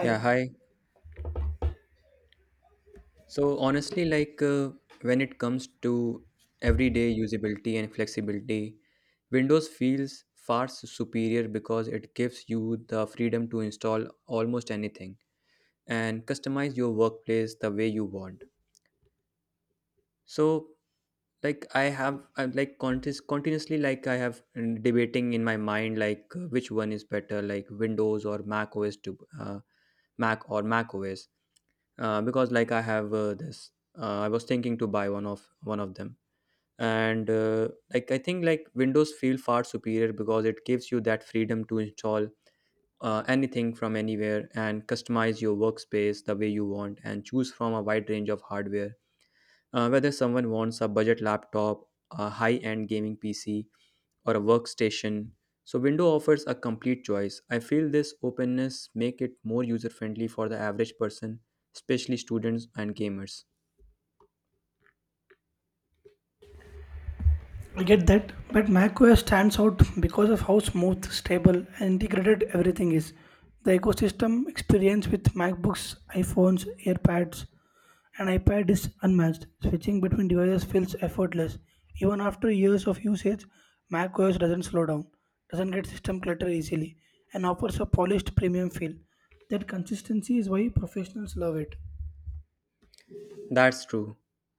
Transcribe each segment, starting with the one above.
Yeah, hi. So honestly, when it comes to everyday usability and flexibility, Windows feels superior because it gives you the freedom to install almost anything and customize your workplace the way you want. So I'm like continuously, debating in my mind, which one is better, like Windows or Mac OS to Mac or Mac OS, because like I have this, I was thinking to buy one of them, and like I think like Windows feel far superior because it gives you that freedom to install anything from anywhere and customize your workspace the way you want and choose from a wide range of hardware, whether someone wants a budget laptop, a high-end gaming PC, or a workstation. So Windows offers a complete choice. I feel this openness make it more user-friendly for the average person, especially students and gamers. I get that, but macOS stands out because of how smooth, stable, and integrated everything is. The ecosystem experience with MacBooks, iPhones, AirPads, and iPad is unmatched. Switching between devices feels effortless. Even after years of usage, macOS doesn't slow down, doesn't get system clutter easily, and offers a polished premium feel. That consistency is why professionals love it. That's true.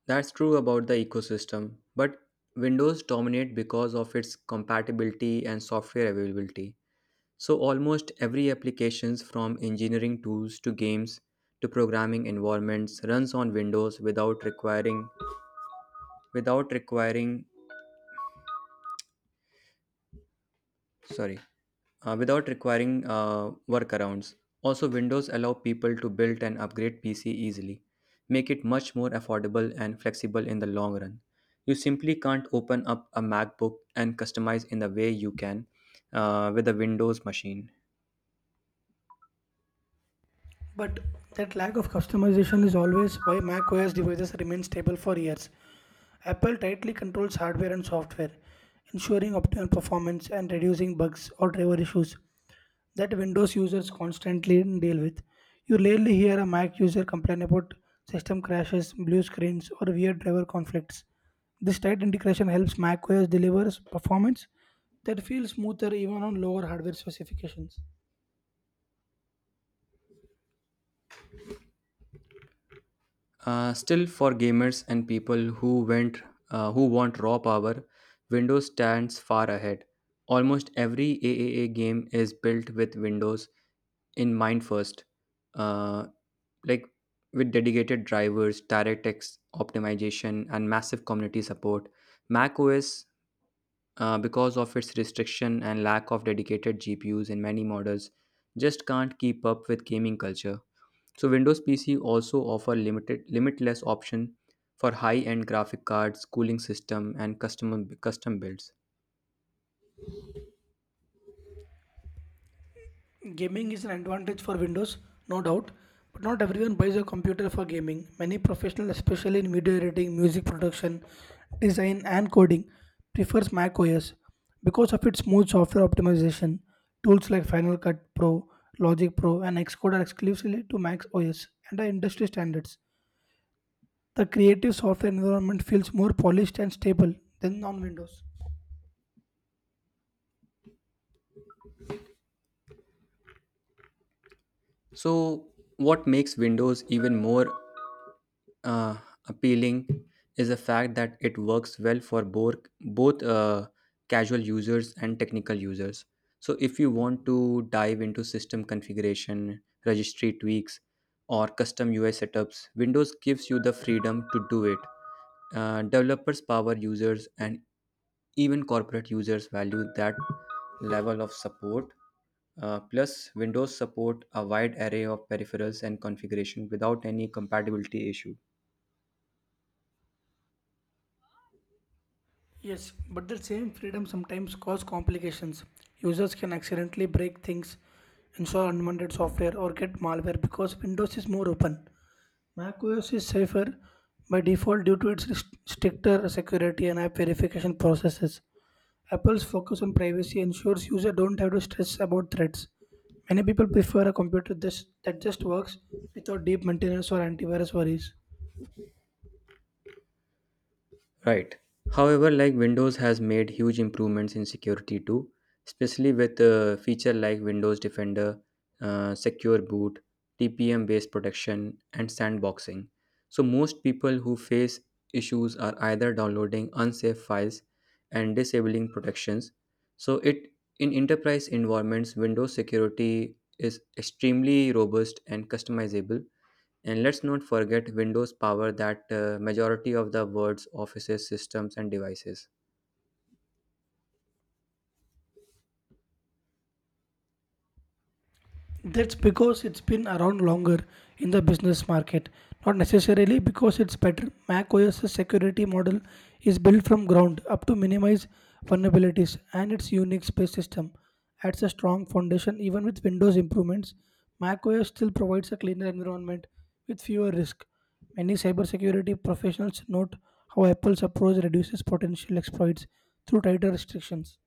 That's true about the ecosystem. But Windows dominate because of its compatibility and software availability. So almost every applications, from engineering tools to games to programming environments, runs on Windows without requiring sorry without requiring workarounds. Also, Windows allow people to build and upgrade PC easily, make it much more affordable and flexible in the long run. You simply can't open up a MacBook and customize in the way you can with a Windows machine. But that lack of customization is always why macOS devices remain stable for years. Apple tightly controls hardware and software, ensuring optimal performance and reducing bugs or driver issues that Windows users constantly deal with. You rarely hear a Mac user complain about system crashes, blue screens, or weird driver conflicts. This tight integration helps macOS deliver performance that feels smoother even on lower hardware specifications. Still, for gamers and people who went who want raw power, Windows stands far ahead. Almost every AAA game is built with Windows in mind first. Uh, like with dedicated drivers, DirectX optimization, and massive community support, Mac OS, because of its restriction and lack of dedicated GPUs in many models, just can't keep up with gaming culture. So Windows PC also offer limited limitless option for high-end graphic cards, cooling system, and custom builds. Gaming is an advantage for Windows, no doubt, but not everyone buys a computer for gaming. Many professionals, especially in video editing, music production, design, and coding, prefers Mac OS because of its smooth software optimization. Tools like Final Cut Pro, Logic Pro, and Xcode are exclusively to Mac OS and are industry standards. The creative software environment feels more polished and stable than on Windows. So what makes Windows even more uh, appealing is the fact that it works well for both, both uh, casual users and technical users. So if you want to dive into system configuration, registry tweaks, or custom UI setups, Windows gives you the freedom to do it. Developers, power users, and even corporate users value that level of support. Plus, Windows support a wide array of peripherals and configuration without any compatibility issue. Yes, but that same freedom sometimes cause complications. Users can accidentally break things, install unwanted software, or get malware because Windows is more open. macOS is safer by default due to its stricter security and app verification processes. Apple's focus on privacy ensures users don't have to stress about threats. Many people prefer a computer this, that just works without deep maintenance or antivirus worries. Right. However, like Windows has made huge improvements in security too, especially with feature like Windows Defender, Secure Boot, TPM based protection, and sandboxing. So, most people who face issues are either downloading unsafe files and disabling protections. So, it In enterprise environments, Windows security is extremely robust and customizable, and let's not forget Windows power that majority of the world's offices, systems, and devices. That's because it's been around longer in the business market, not necessarily because it's better. Mac OS's security model is built from ground up to minimize vulnerabilities, and its Unix-based system adds a strong foundation. Even with Windows improvements, Mac OS still provides a cleaner environment with fewer risks. Many cybersecurity professionals note how Apple's approach reduces potential exploits through tighter restrictions.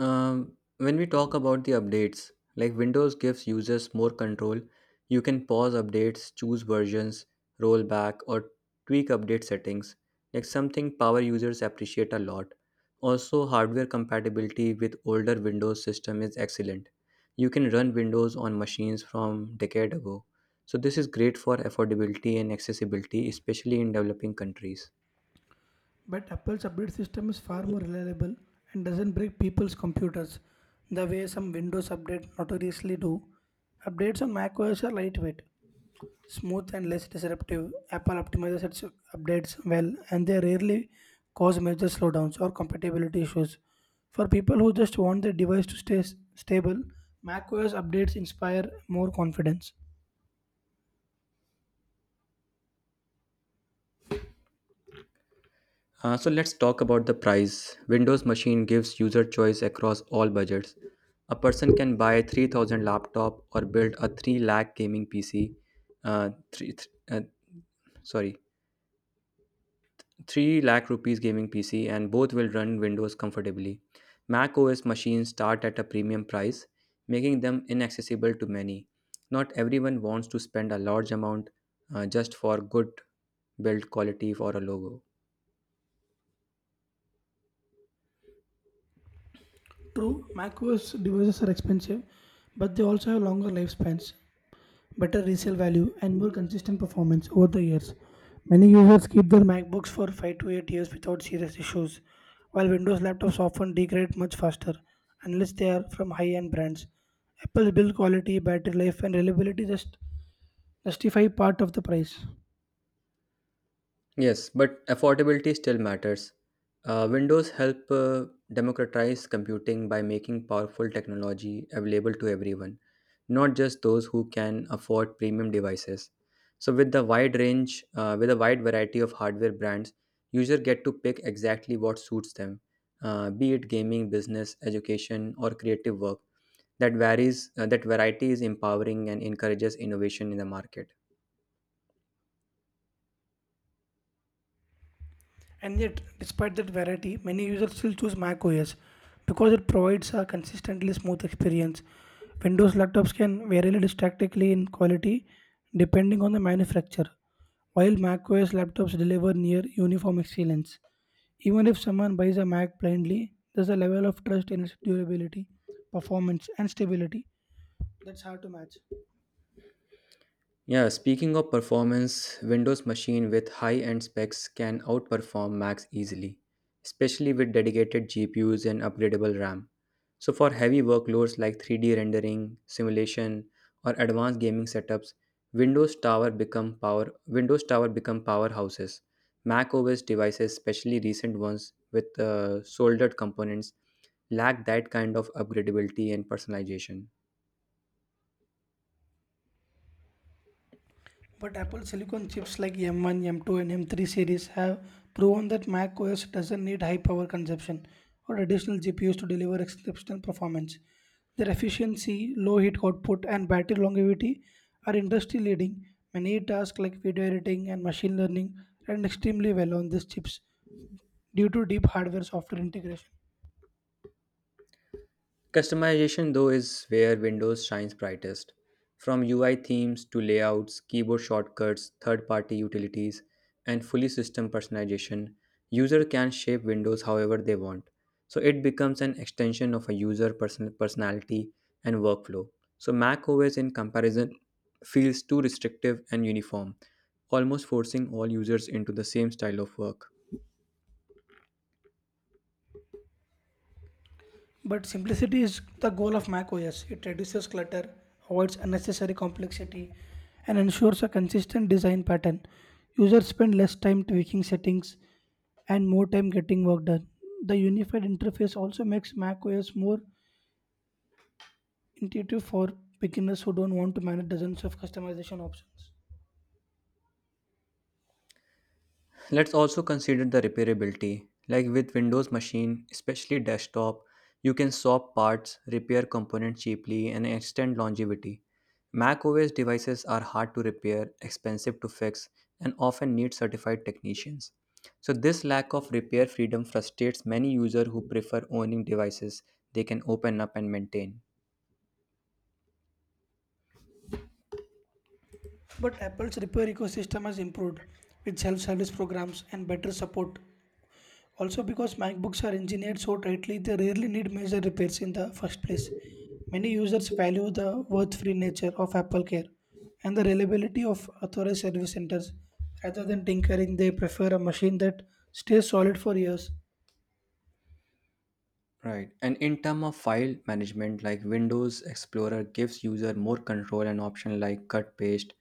When we talk about the updates, like Windows gives users more control. You can pause updates, choose versions, roll back, or tweak update settings. Like something power users appreciate a lot. Also, hardware compatibility with older Windows system is excellent. You can run Windows on machines from decade ago. So this is great for affordability and accessibility, especially in developing countries. But Apple's update system is far more reliable and doesn't break people's computers the way some Windows updates notoriously do. Updates on macOS are lightweight, smooth, and less disruptive. Apple optimizes its updates well, and they rarely cause major slowdowns or compatibility issues. For people who just want their device to stay stable, macOS updates inspire more confidence. So let's talk about the price. Windows Machine gives user choice across all budgets. A person can buy a 3,000 laptop or build a 3 lakh gaming PC. Uh, 3 th- uh, sorry, 3 lakh rupees gaming PC, and both will run Windows comfortably. Mac OS machines start at a premium price, making them inaccessible to many. Not everyone wants to spend a large amount just for good build quality or a logo. True, macOS devices are expensive, but they also have longer lifespans, better resale value, and more consistent performance over the years. Many users keep their MacBooks for 5 to 8 years without serious issues, while Windows laptops often degrade much faster unless they are from high end brands. Apple's build quality, battery life, and reliability just justify part of the price. Yes, but affordability still matters. Windows help democratize computing by making powerful technology available to everyone, not just those who can afford premium devices. So with a wide variety of hardware brands, users get to pick exactly what suits them, be it gaming, business, education, or creative work. That varies. That variety is empowering and encourages innovation in the market. And yet, despite that variety, many users still choose Mac OS because it provides a consistently smooth experience. Windows laptops can vary drastically in quality depending on the manufacturer, while Mac OS laptops deliver near uniform excellence. Even if someone buys a Mac blindly, there's a level of trust in its durability, performance, and stability that's hard to match. Yeah, speaking of performance, Windows machine with high-end specs can outperform Macs easily, especially with dedicated GPUs and upgradable RAM. So for heavy workloads like 3D rendering, simulation, or advanced gaming setups, Windows Tower become powerhouses. Mac OS devices, especially recent ones with soldered components, lack that kind of upgradability and personalization. But Apple silicon chips like M1, M2, and M3 series have proven that Mac OS doesn't need high power consumption or additional GPUs to deliver exceptional performance. Their efficiency, low heat output, and battery longevity are industry leading. Many tasks like video editing and machine learning run extremely well on these chips due to deep hardware software integration. Customization, though, is where Windows shines brightest. From UI themes to layouts, keyboard shortcuts, third party utilities, and fully system personalization, user can shape Windows however they want. So it becomes an extension of a user personality and workflow. So Mac OS in comparison feels too restrictive and uniform, almost forcing all users into the same style of work. But simplicity is the goal of macOS. It reduces clutter, avoids unnecessary complexity, and ensures a consistent design pattern. Users spend less time tweaking settings and more time getting work done. The unified interface also makes macOS more intuitive for beginners who don't want to manage dozens of customization options. Let's also consider the repairability. Like with Windows machine, especially desktop, you can swap parts, repair components cheaply, and extend longevity. Mac OS devices are hard to repair, expensive to fix, and often need certified technicians. So this lack of repair freedom frustrates many users who prefer owning devices they can open up and maintain. But Apple's repair ecosystem has improved with self service programs and better support. Also, because MacBooks are engineered so tightly, they rarely need major repairs in the first place. Many users value the worth free nature of Apple Care and the reliability of authorized service centers. Rather than tinkering, they prefer a machine that stays solid for years. Right. And in terms of file management, like Windows Explorer gives user more control and option like cut paste,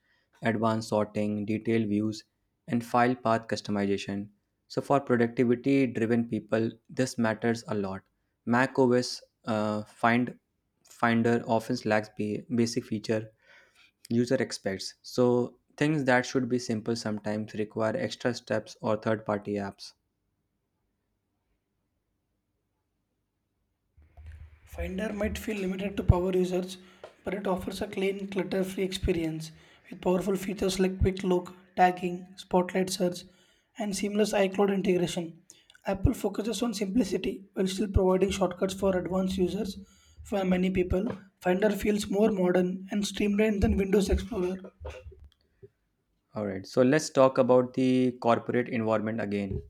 advanced sorting, detailed views, and file path customization. So for productivity driven people, this matters a lot. Mac OS finder often lacks basic feature user expects. So things that should be simple sometimes require extra steps or third party apps. Finder might feel limited to power users, but it offers a clean, clutter free experience with powerful features like Quick Look, tagging, Spotlight search, and seamless iCloud integration. Apple focuses on simplicity while still providing shortcuts for advanced users. For many people, Finder feels more modern and streamlined than Windows Explorer. All right, so let's talk about the corporate environment again.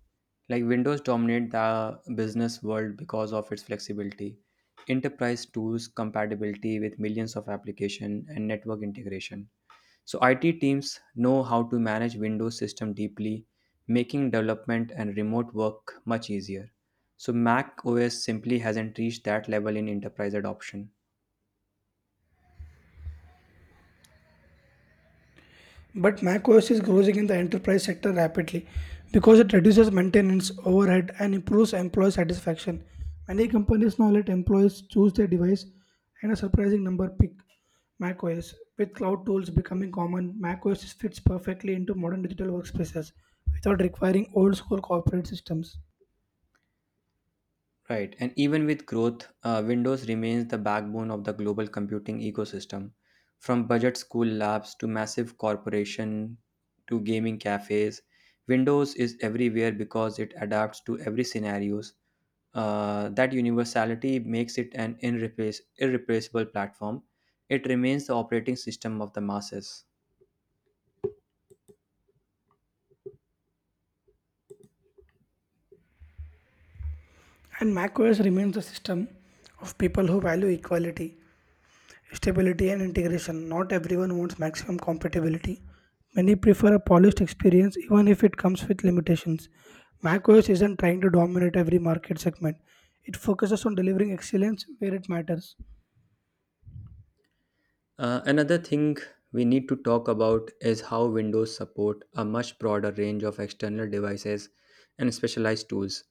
Like Windows dominate the business world because of its flexibility, enterprise tools compatibility with millions of application and network integration. So IT teams know how to manage Windows system deeply, making development and remote work much easier. So Mac OS simply hasn't reached that level in enterprise adoption. But macOS is growing in the enterprise sector rapidly because it reduces maintenance overhead and improves employee satisfaction. Many companies now let employees choose their device, and a surprising number pick macOS. With cloud tools becoming common, macOS fits perfectly into modern digital workspaces without requiring old school corporate systems. Right, and even with growth, Windows remains the backbone of the global computing ecosystem. From budget school labs to massive corporation to gaming cafes, Windows is everywhere because it adapts to every scenarios. That universality makes it an irreplaceable platform. It remains the operating system of the masses. And macOS remains the system of people who value equality, stability and integration. Not everyone wants maximum compatibility. Many prefer a polished experience even if it comes with limitations. macOS isn't trying to dominate every market segment. It focuses on delivering excellence where it matters. Another thing we need to talk about is how Windows support a much broader range of external devices and specialized tools.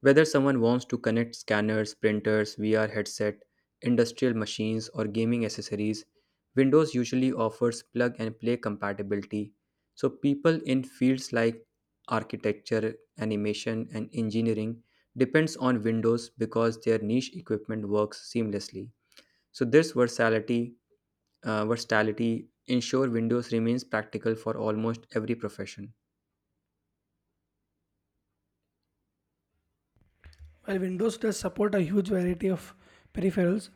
Whether someone wants to connect scanners, printers, VR headset, industrial machines, or gaming accessories, Windows usually offers plug and play compatibility. So people in fields like architecture, animation, and engineering depends on Windows because their niche equipment works seamlessly. So this versatility ensure Windows remains practical for almost every profession. While Windows does support a huge variety of peripherals,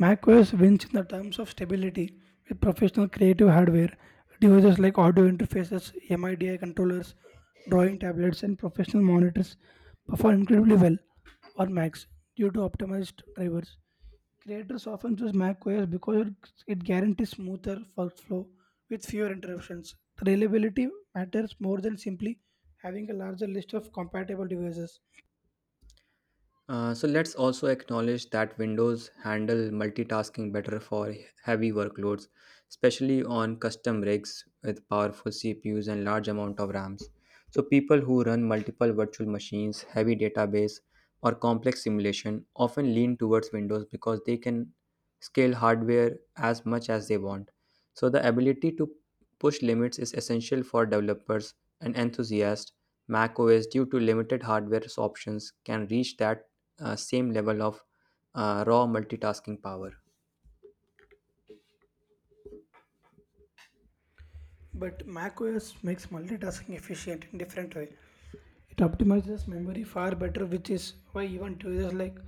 macOS wins in the terms of stability with professional creative hardware. Devices like audio interfaces, MIDI controllers, drawing tablets, and professional monitors perform incredibly well on Macs due to optimized drivers. Creators often choose macOS because it guarantees smoother workflow with fewer interruptions. Reliability matters more than simply having a larger list of compatible devices. So let's also acknowledge that Windows handle multitasking better for heavy workloads, especially on custom rigs with powerful CPUs and large amount of RAMs. So people who run multiple virtual machines, heavy database, or complex simulation often lean towards Windows because they can scale hardware as much as they want. So the ability to push limits is essential for developers and enthusiasts. Mac OS, due to limited hardware options, can reach that same level of raw multitasking power. But macOS makes multitasking efficient in different way. It optimizes memory far better, which is why even devices like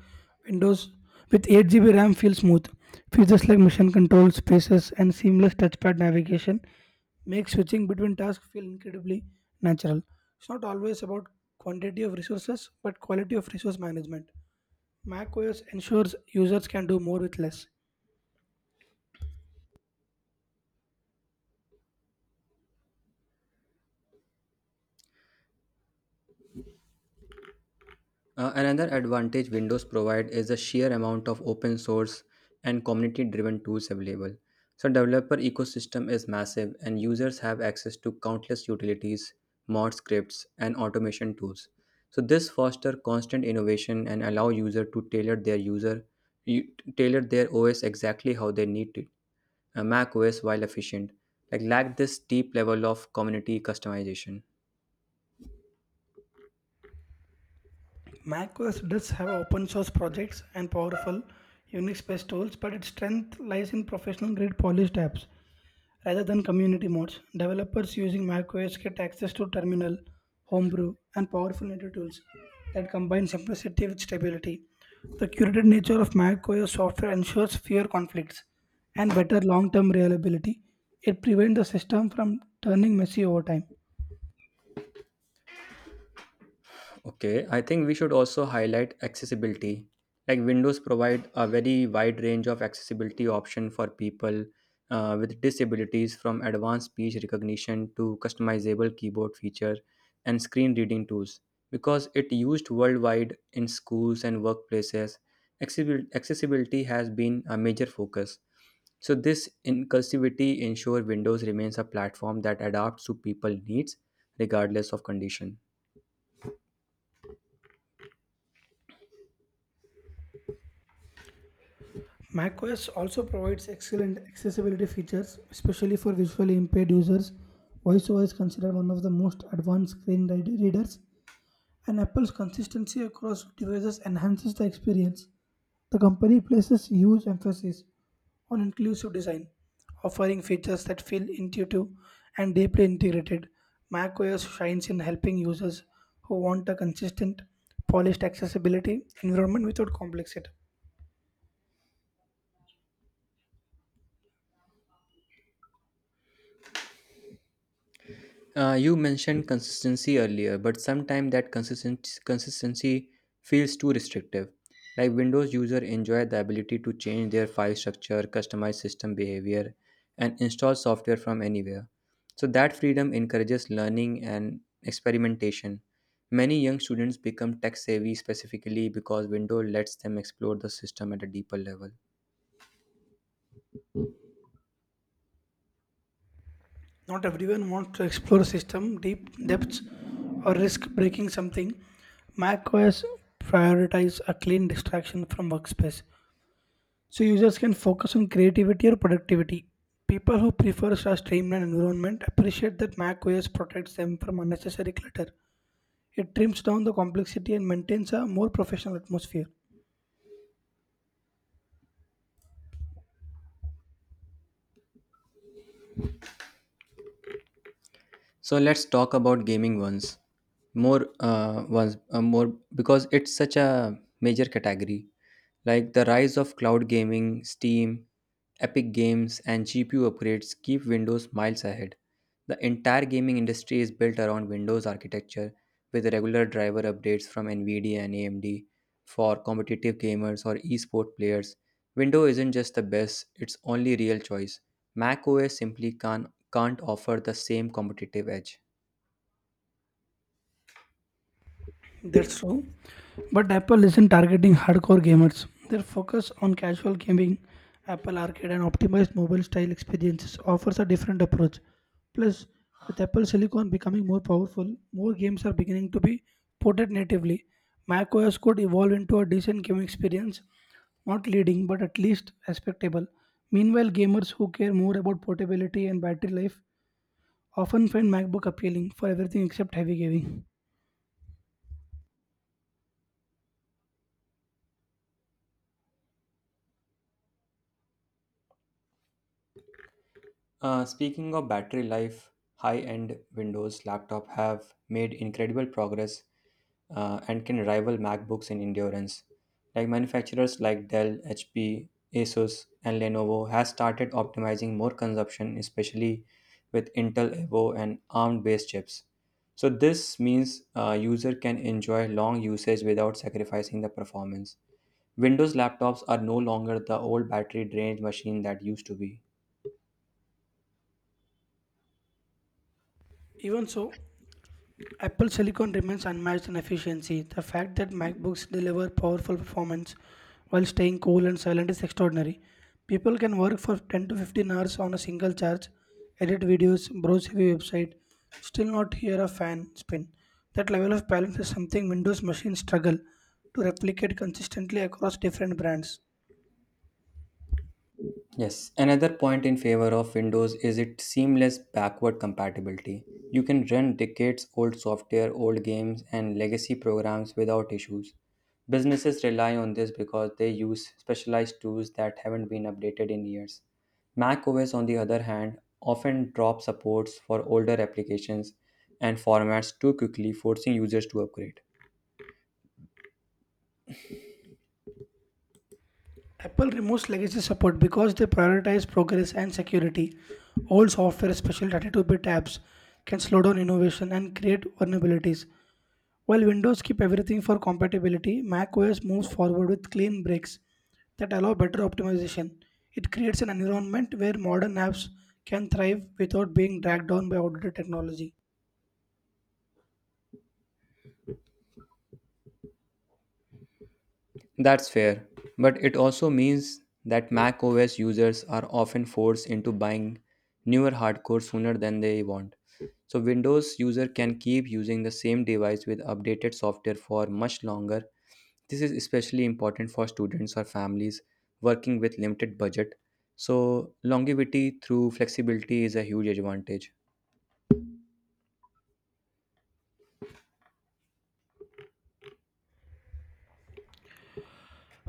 Windows with 8 GB RAM feel smooth. Features like mission control, spaces, and seamless touchpad navigation make switching between tasks feel incredibly natural. It's not always about quantity of resources, but quality of resource management. macOS ensures users can do more with less. Another advantage Windows provide is the sheer amount of open source and community driven tools available. So developer ecosystem is massive and users have access to countless utilities, mod scripts, and automation tools. So this foster constant innovation and allow user to tailor their user you, tailor their OS exactly how they need it. A Mac OS, while efficient, like lack this deep level of community customization. macOS does have open source projects and powerful Unix based tools, but its strength lies in professional grade polished apps rather than community mods. Developers using macOS get access to terminal, homebrew, and powerful native tools that combine simplicity with stability. The curated nature of macOS software ensures fewer conflicts and better long term reliability. It prevents the system from turning messy over time. Okay, I think we should also highlight accessibility. Like Windows provide a very wide range of accessibility option for people with disabilities, from advanced speech recognition to customizable keyboard feature and screen reading tools. Because it used worldwide in schools and workplaces, accessibility has been a major focus. So this inclusivity ensure Windows remains a platform that adapts to people needs regardless of condition. macOS also provides excellent accessibility features, especially for visually impaired users. VoiceOver is considered one of the most advanced screen readers, and Apple's consistency across devices enhances the experience. The company places huge emphasis on inclusive design, offering features that feel intuitive and deeply integrated. macOS shines in helping users who want a consistent, polished accessibility environment without complexity. You mentioned consistency earlier, but sometimes that consistent consistency feels too restrictive. Like Windows user enjoy the ability to change their file structure, customize system behavior, and install software from anywhere. So that freedom encourages learning and experimentation. Many young students become tech savvy specifically because Windows lets them explore the system at a deeper level. Not everyone wants to explore system deep depths or risk breaking something. macOS prioritizes a clean distraction from workspace, so users can focus on creativity or productivity. People who prefer a streamlined environment appreciate that macOS protects them from unnecessary clutter. It trims down the complexity and maintains a more professional atmosphere. So let's talk about gaming once more because it's such a major category. Like the rise of cloud gaming, Steam, Epic Games, and GPU upgrades keep Windows miles ahead. The entire gaming industry is built around Windows architecture with regular driver updates from Nvidia and AMD for competitive gamers or esport players. Windows isn't just the best, it's only real choice. Mac OS simply can't offer the same competitive edge. That's true. But Apple isn't targeting hardcore gamers. Their focus on casual gaming, Apple Arcade, and optimized mobile style experiences offers a different approach. Plus, with Apple Silicon becoming more powerful, more games are beginning to be ported natively. macOS could evolve into a decent gaming experience, not leading, but at least respectable. Meanwhile, gamers who care more about portability and battery life often find MacBook appealing for everything except heavy gaming. Speaking of battery life, high-end Windows laptop have made incredible progress and can rival MacBooks in endurance. Like manufacturers like Dell, HP, Asus, and Lenovo has started optimizing more consumption, especially with Intel Evo and ARM-based chips. So this means a user can enjoy long usage without sacrificing the performance. Windows laptops are no longer the old battery drained machine that used to be. Even so, Apple Silicon remains unmatched in efficiency. The fact that MacBooks deliver powerful performance while staying cool and silent is extraordinary. People can work for 10 to 15 hours on a single charge, edit videos, browse heavy website, still not hear a fan spin. That level of balance is something Windows machines struggle to replicate consistently across different brands. Yes, another point in favor of Windows is its seamless backward compatibility. You can run decades old software, old games, and legacy programs without issues. Businesses rely on this because they use specialized tools that haven't been updated in years. Mac OS, on the other hand, often drops supports for older applications and formats too quickly, forcing users to upgrade. Apple removes legacy support because they prioritize progress and security. Old software, especially 32-bit apps, can slow down innovation and create vulnerabilities. While Windows keep everything for compatibility, macOS moves forward with clean breaks that allow better optimization. It creates an environment where modern apps can thrive without being dragged down by outdated technology. That's fair, but it also means that Mac OS users are often forced into buying newer hardcore sooner than they want. So Windows user can keep using the same device with updated software for much longer. This is especially important for students or families working with limited budget. So longevity through flexibility is a huge advantage.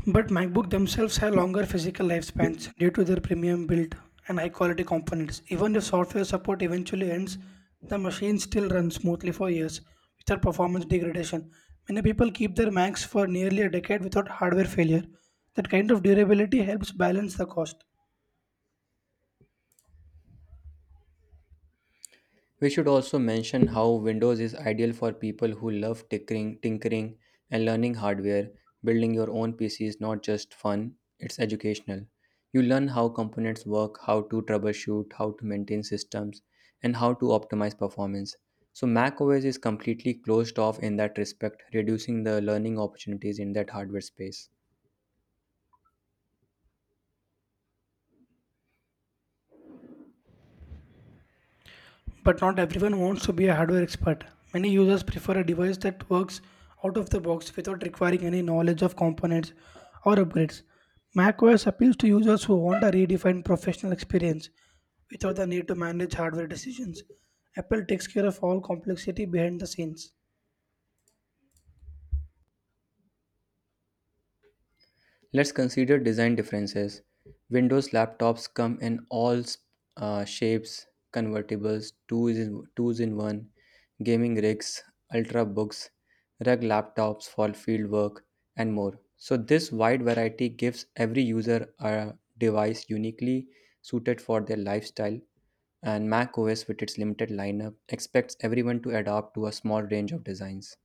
But MacBook themselves have longer physical lifespans due to their premium build and high quality components. Even if software support eventually ends, the machine still runs smoothly for years without performance degradation. Many people keep their Macs for nearly a decade without hardware failure. That kind of durability helps balance the cost. We should also mention how Windows is ideal for people who love tinkering and learning hardware. Building your own PC is not just fun, it's educational. You learn how components work, how to troubleshoot, how to maintain systems, and how to optimize performance. So Mac OS is completely closed off in that respect, reducing the learning opportunities in that hardware space. But not everyone wants to be a hardware expert. Many users prefer a device that works out of the box without requiring any knowledge of components or upgrades. macOS appeals to users who want a redefined professional experience without the need to manage hardware decisions. Apple takes care of all complexity behind the scenes. Let's consider design differences. Windows laptops come in all shapes, convertibles, twos in one, gaming rigs, ultrabooks, rug laptops for field work, and more. So this wide variety gives every user a device uniquely suited for their lifestyle. And Mac OS, with its limited lineup, expects everyone to adapt to a small range of designs.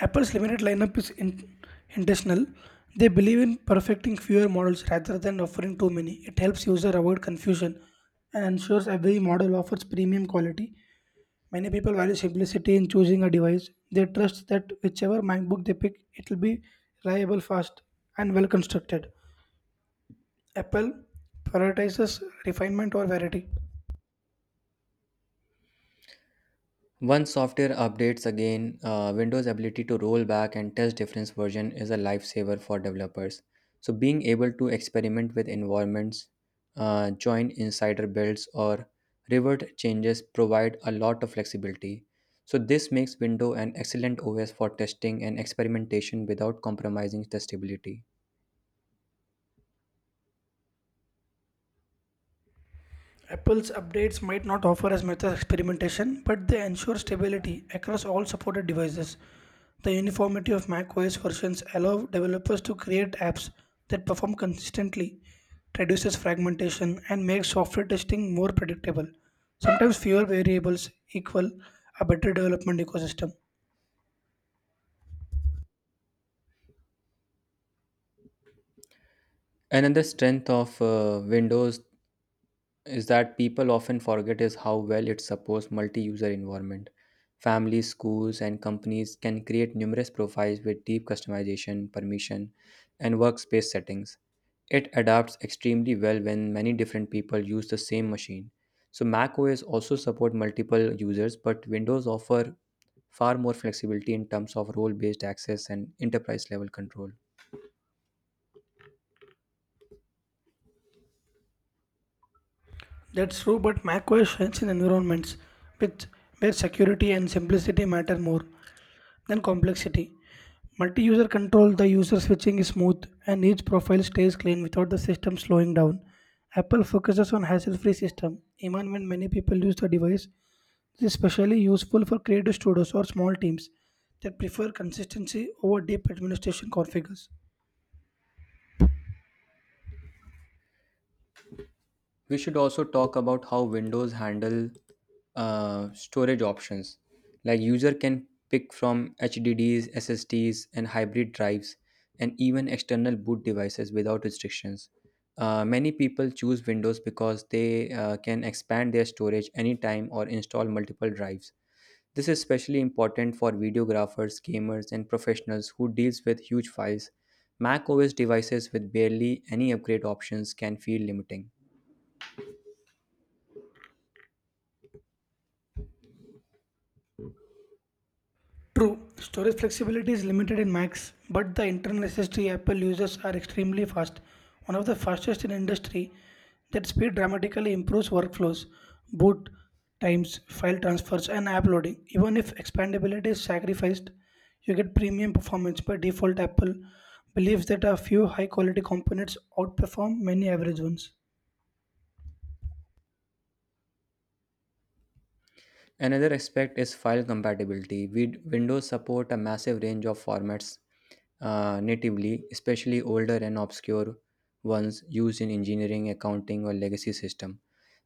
Apple's limited lineup is intentional. They believe in perfecting fewer models rather than offering too many. It helps users avoid confusion and ensures every model offers premium quality. Many people value simplicity in choosing a device. They trust that whichever MacBook they pick, it will be reliable, fast, and well constructed. Apple prioritizes refinement or variety. Once software updates again, Windows' ability to roll back and test different versions is a lifesaver for developers. So, being able to experiment with environments, join insider builds, or revert changes provide a lot of flexibility. So this makes Windows an excellent OS for testing and experimentation without compromising testability. Apple's updates might not offer as much experimentation, but they ensure stability across all supported devices. The uniformity of macOS versions allow developers to create apps that perform consistently, reduces fragmentation, and makes software testing more predictable. Sometimes fewer variables equal a better development ecosystem. Another strength of Windows is that people often forget is how well it supports multi-user environment. Families, schools, and companies can create numerous profiles with deep customization, permission, and workspace settings. It adapts extremely well when many different people use the same machine. So Mac OS also support multiple users, but Windows offer far more flexibility in terms of role-based access and enterprise level control. That's true, but macOS shines in environments with where security and simplicity matter more Then complexity. Multi-user control, the user switching is smooth and each profile stays clean without the system slowing down. Apple focuses on hassle-free system, even when many people use the device. This is especially useful for creative studios or small teams that prefer consistency over deep administration configures. We should also talk about how Windows handle storage options. Like user can pick from HDDs, SSDs, and hybrid drives, and even external boot devices without restrictions. Many people choose Windows because they can expand their storage anytime or install multiple drives. This is especially important for videographers, gamers, and professionals who deals with huge files. Mac OS devices with barely any upgrade options can feel limiting. True, storage flexibility is limited in Macs, but the internal SSD Apple uses are extremely fast, one of the fastest in industry. That speed dramatically improves workflows, boot times, file transfers, and app loading. Even if expandability is sacrificed, you get premium performance. By default, Apple believes that a few high-quality components outperform many average ones. Another aspect is file compatibility. Windows support a massive range of formats natively, especially older and obscure ones used in engineering, accounting, or legacy system.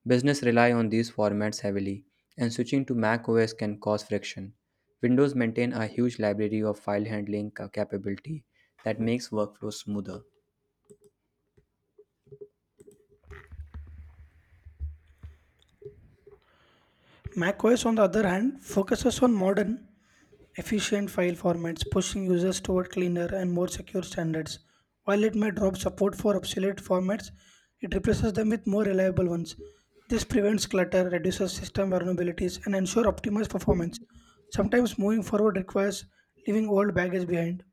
Business rely on these formats heavily, and switching to Mac OS can cause friction. Windows maintain a huge library of file handling capability that makes workflows smoother. macOS, on the other hand, focuses on modern efficient file formats, pushing users toward cleaner and more secure standards. While it may drop support for obsolete formats, it replaces them with more reliable ones. This prevents clutter, reduces system vulnerabilities, and ensures optimized performance. Sometimes moving forward requires leaving old baggage behind.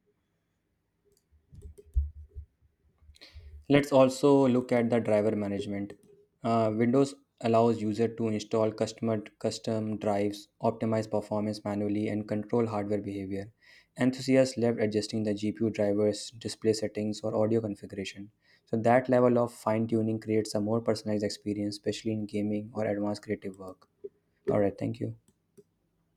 Let's also look at the driver management. Windows allows user to install custom drives, optimize performance manually, and control hardware behavior. Enthusiasts love adjusting the GPU drivers, display settings, or audio configuration. So that level of fine tuning creates a more personalized experience, especially in gaming or advanced creative work. All right, thank you.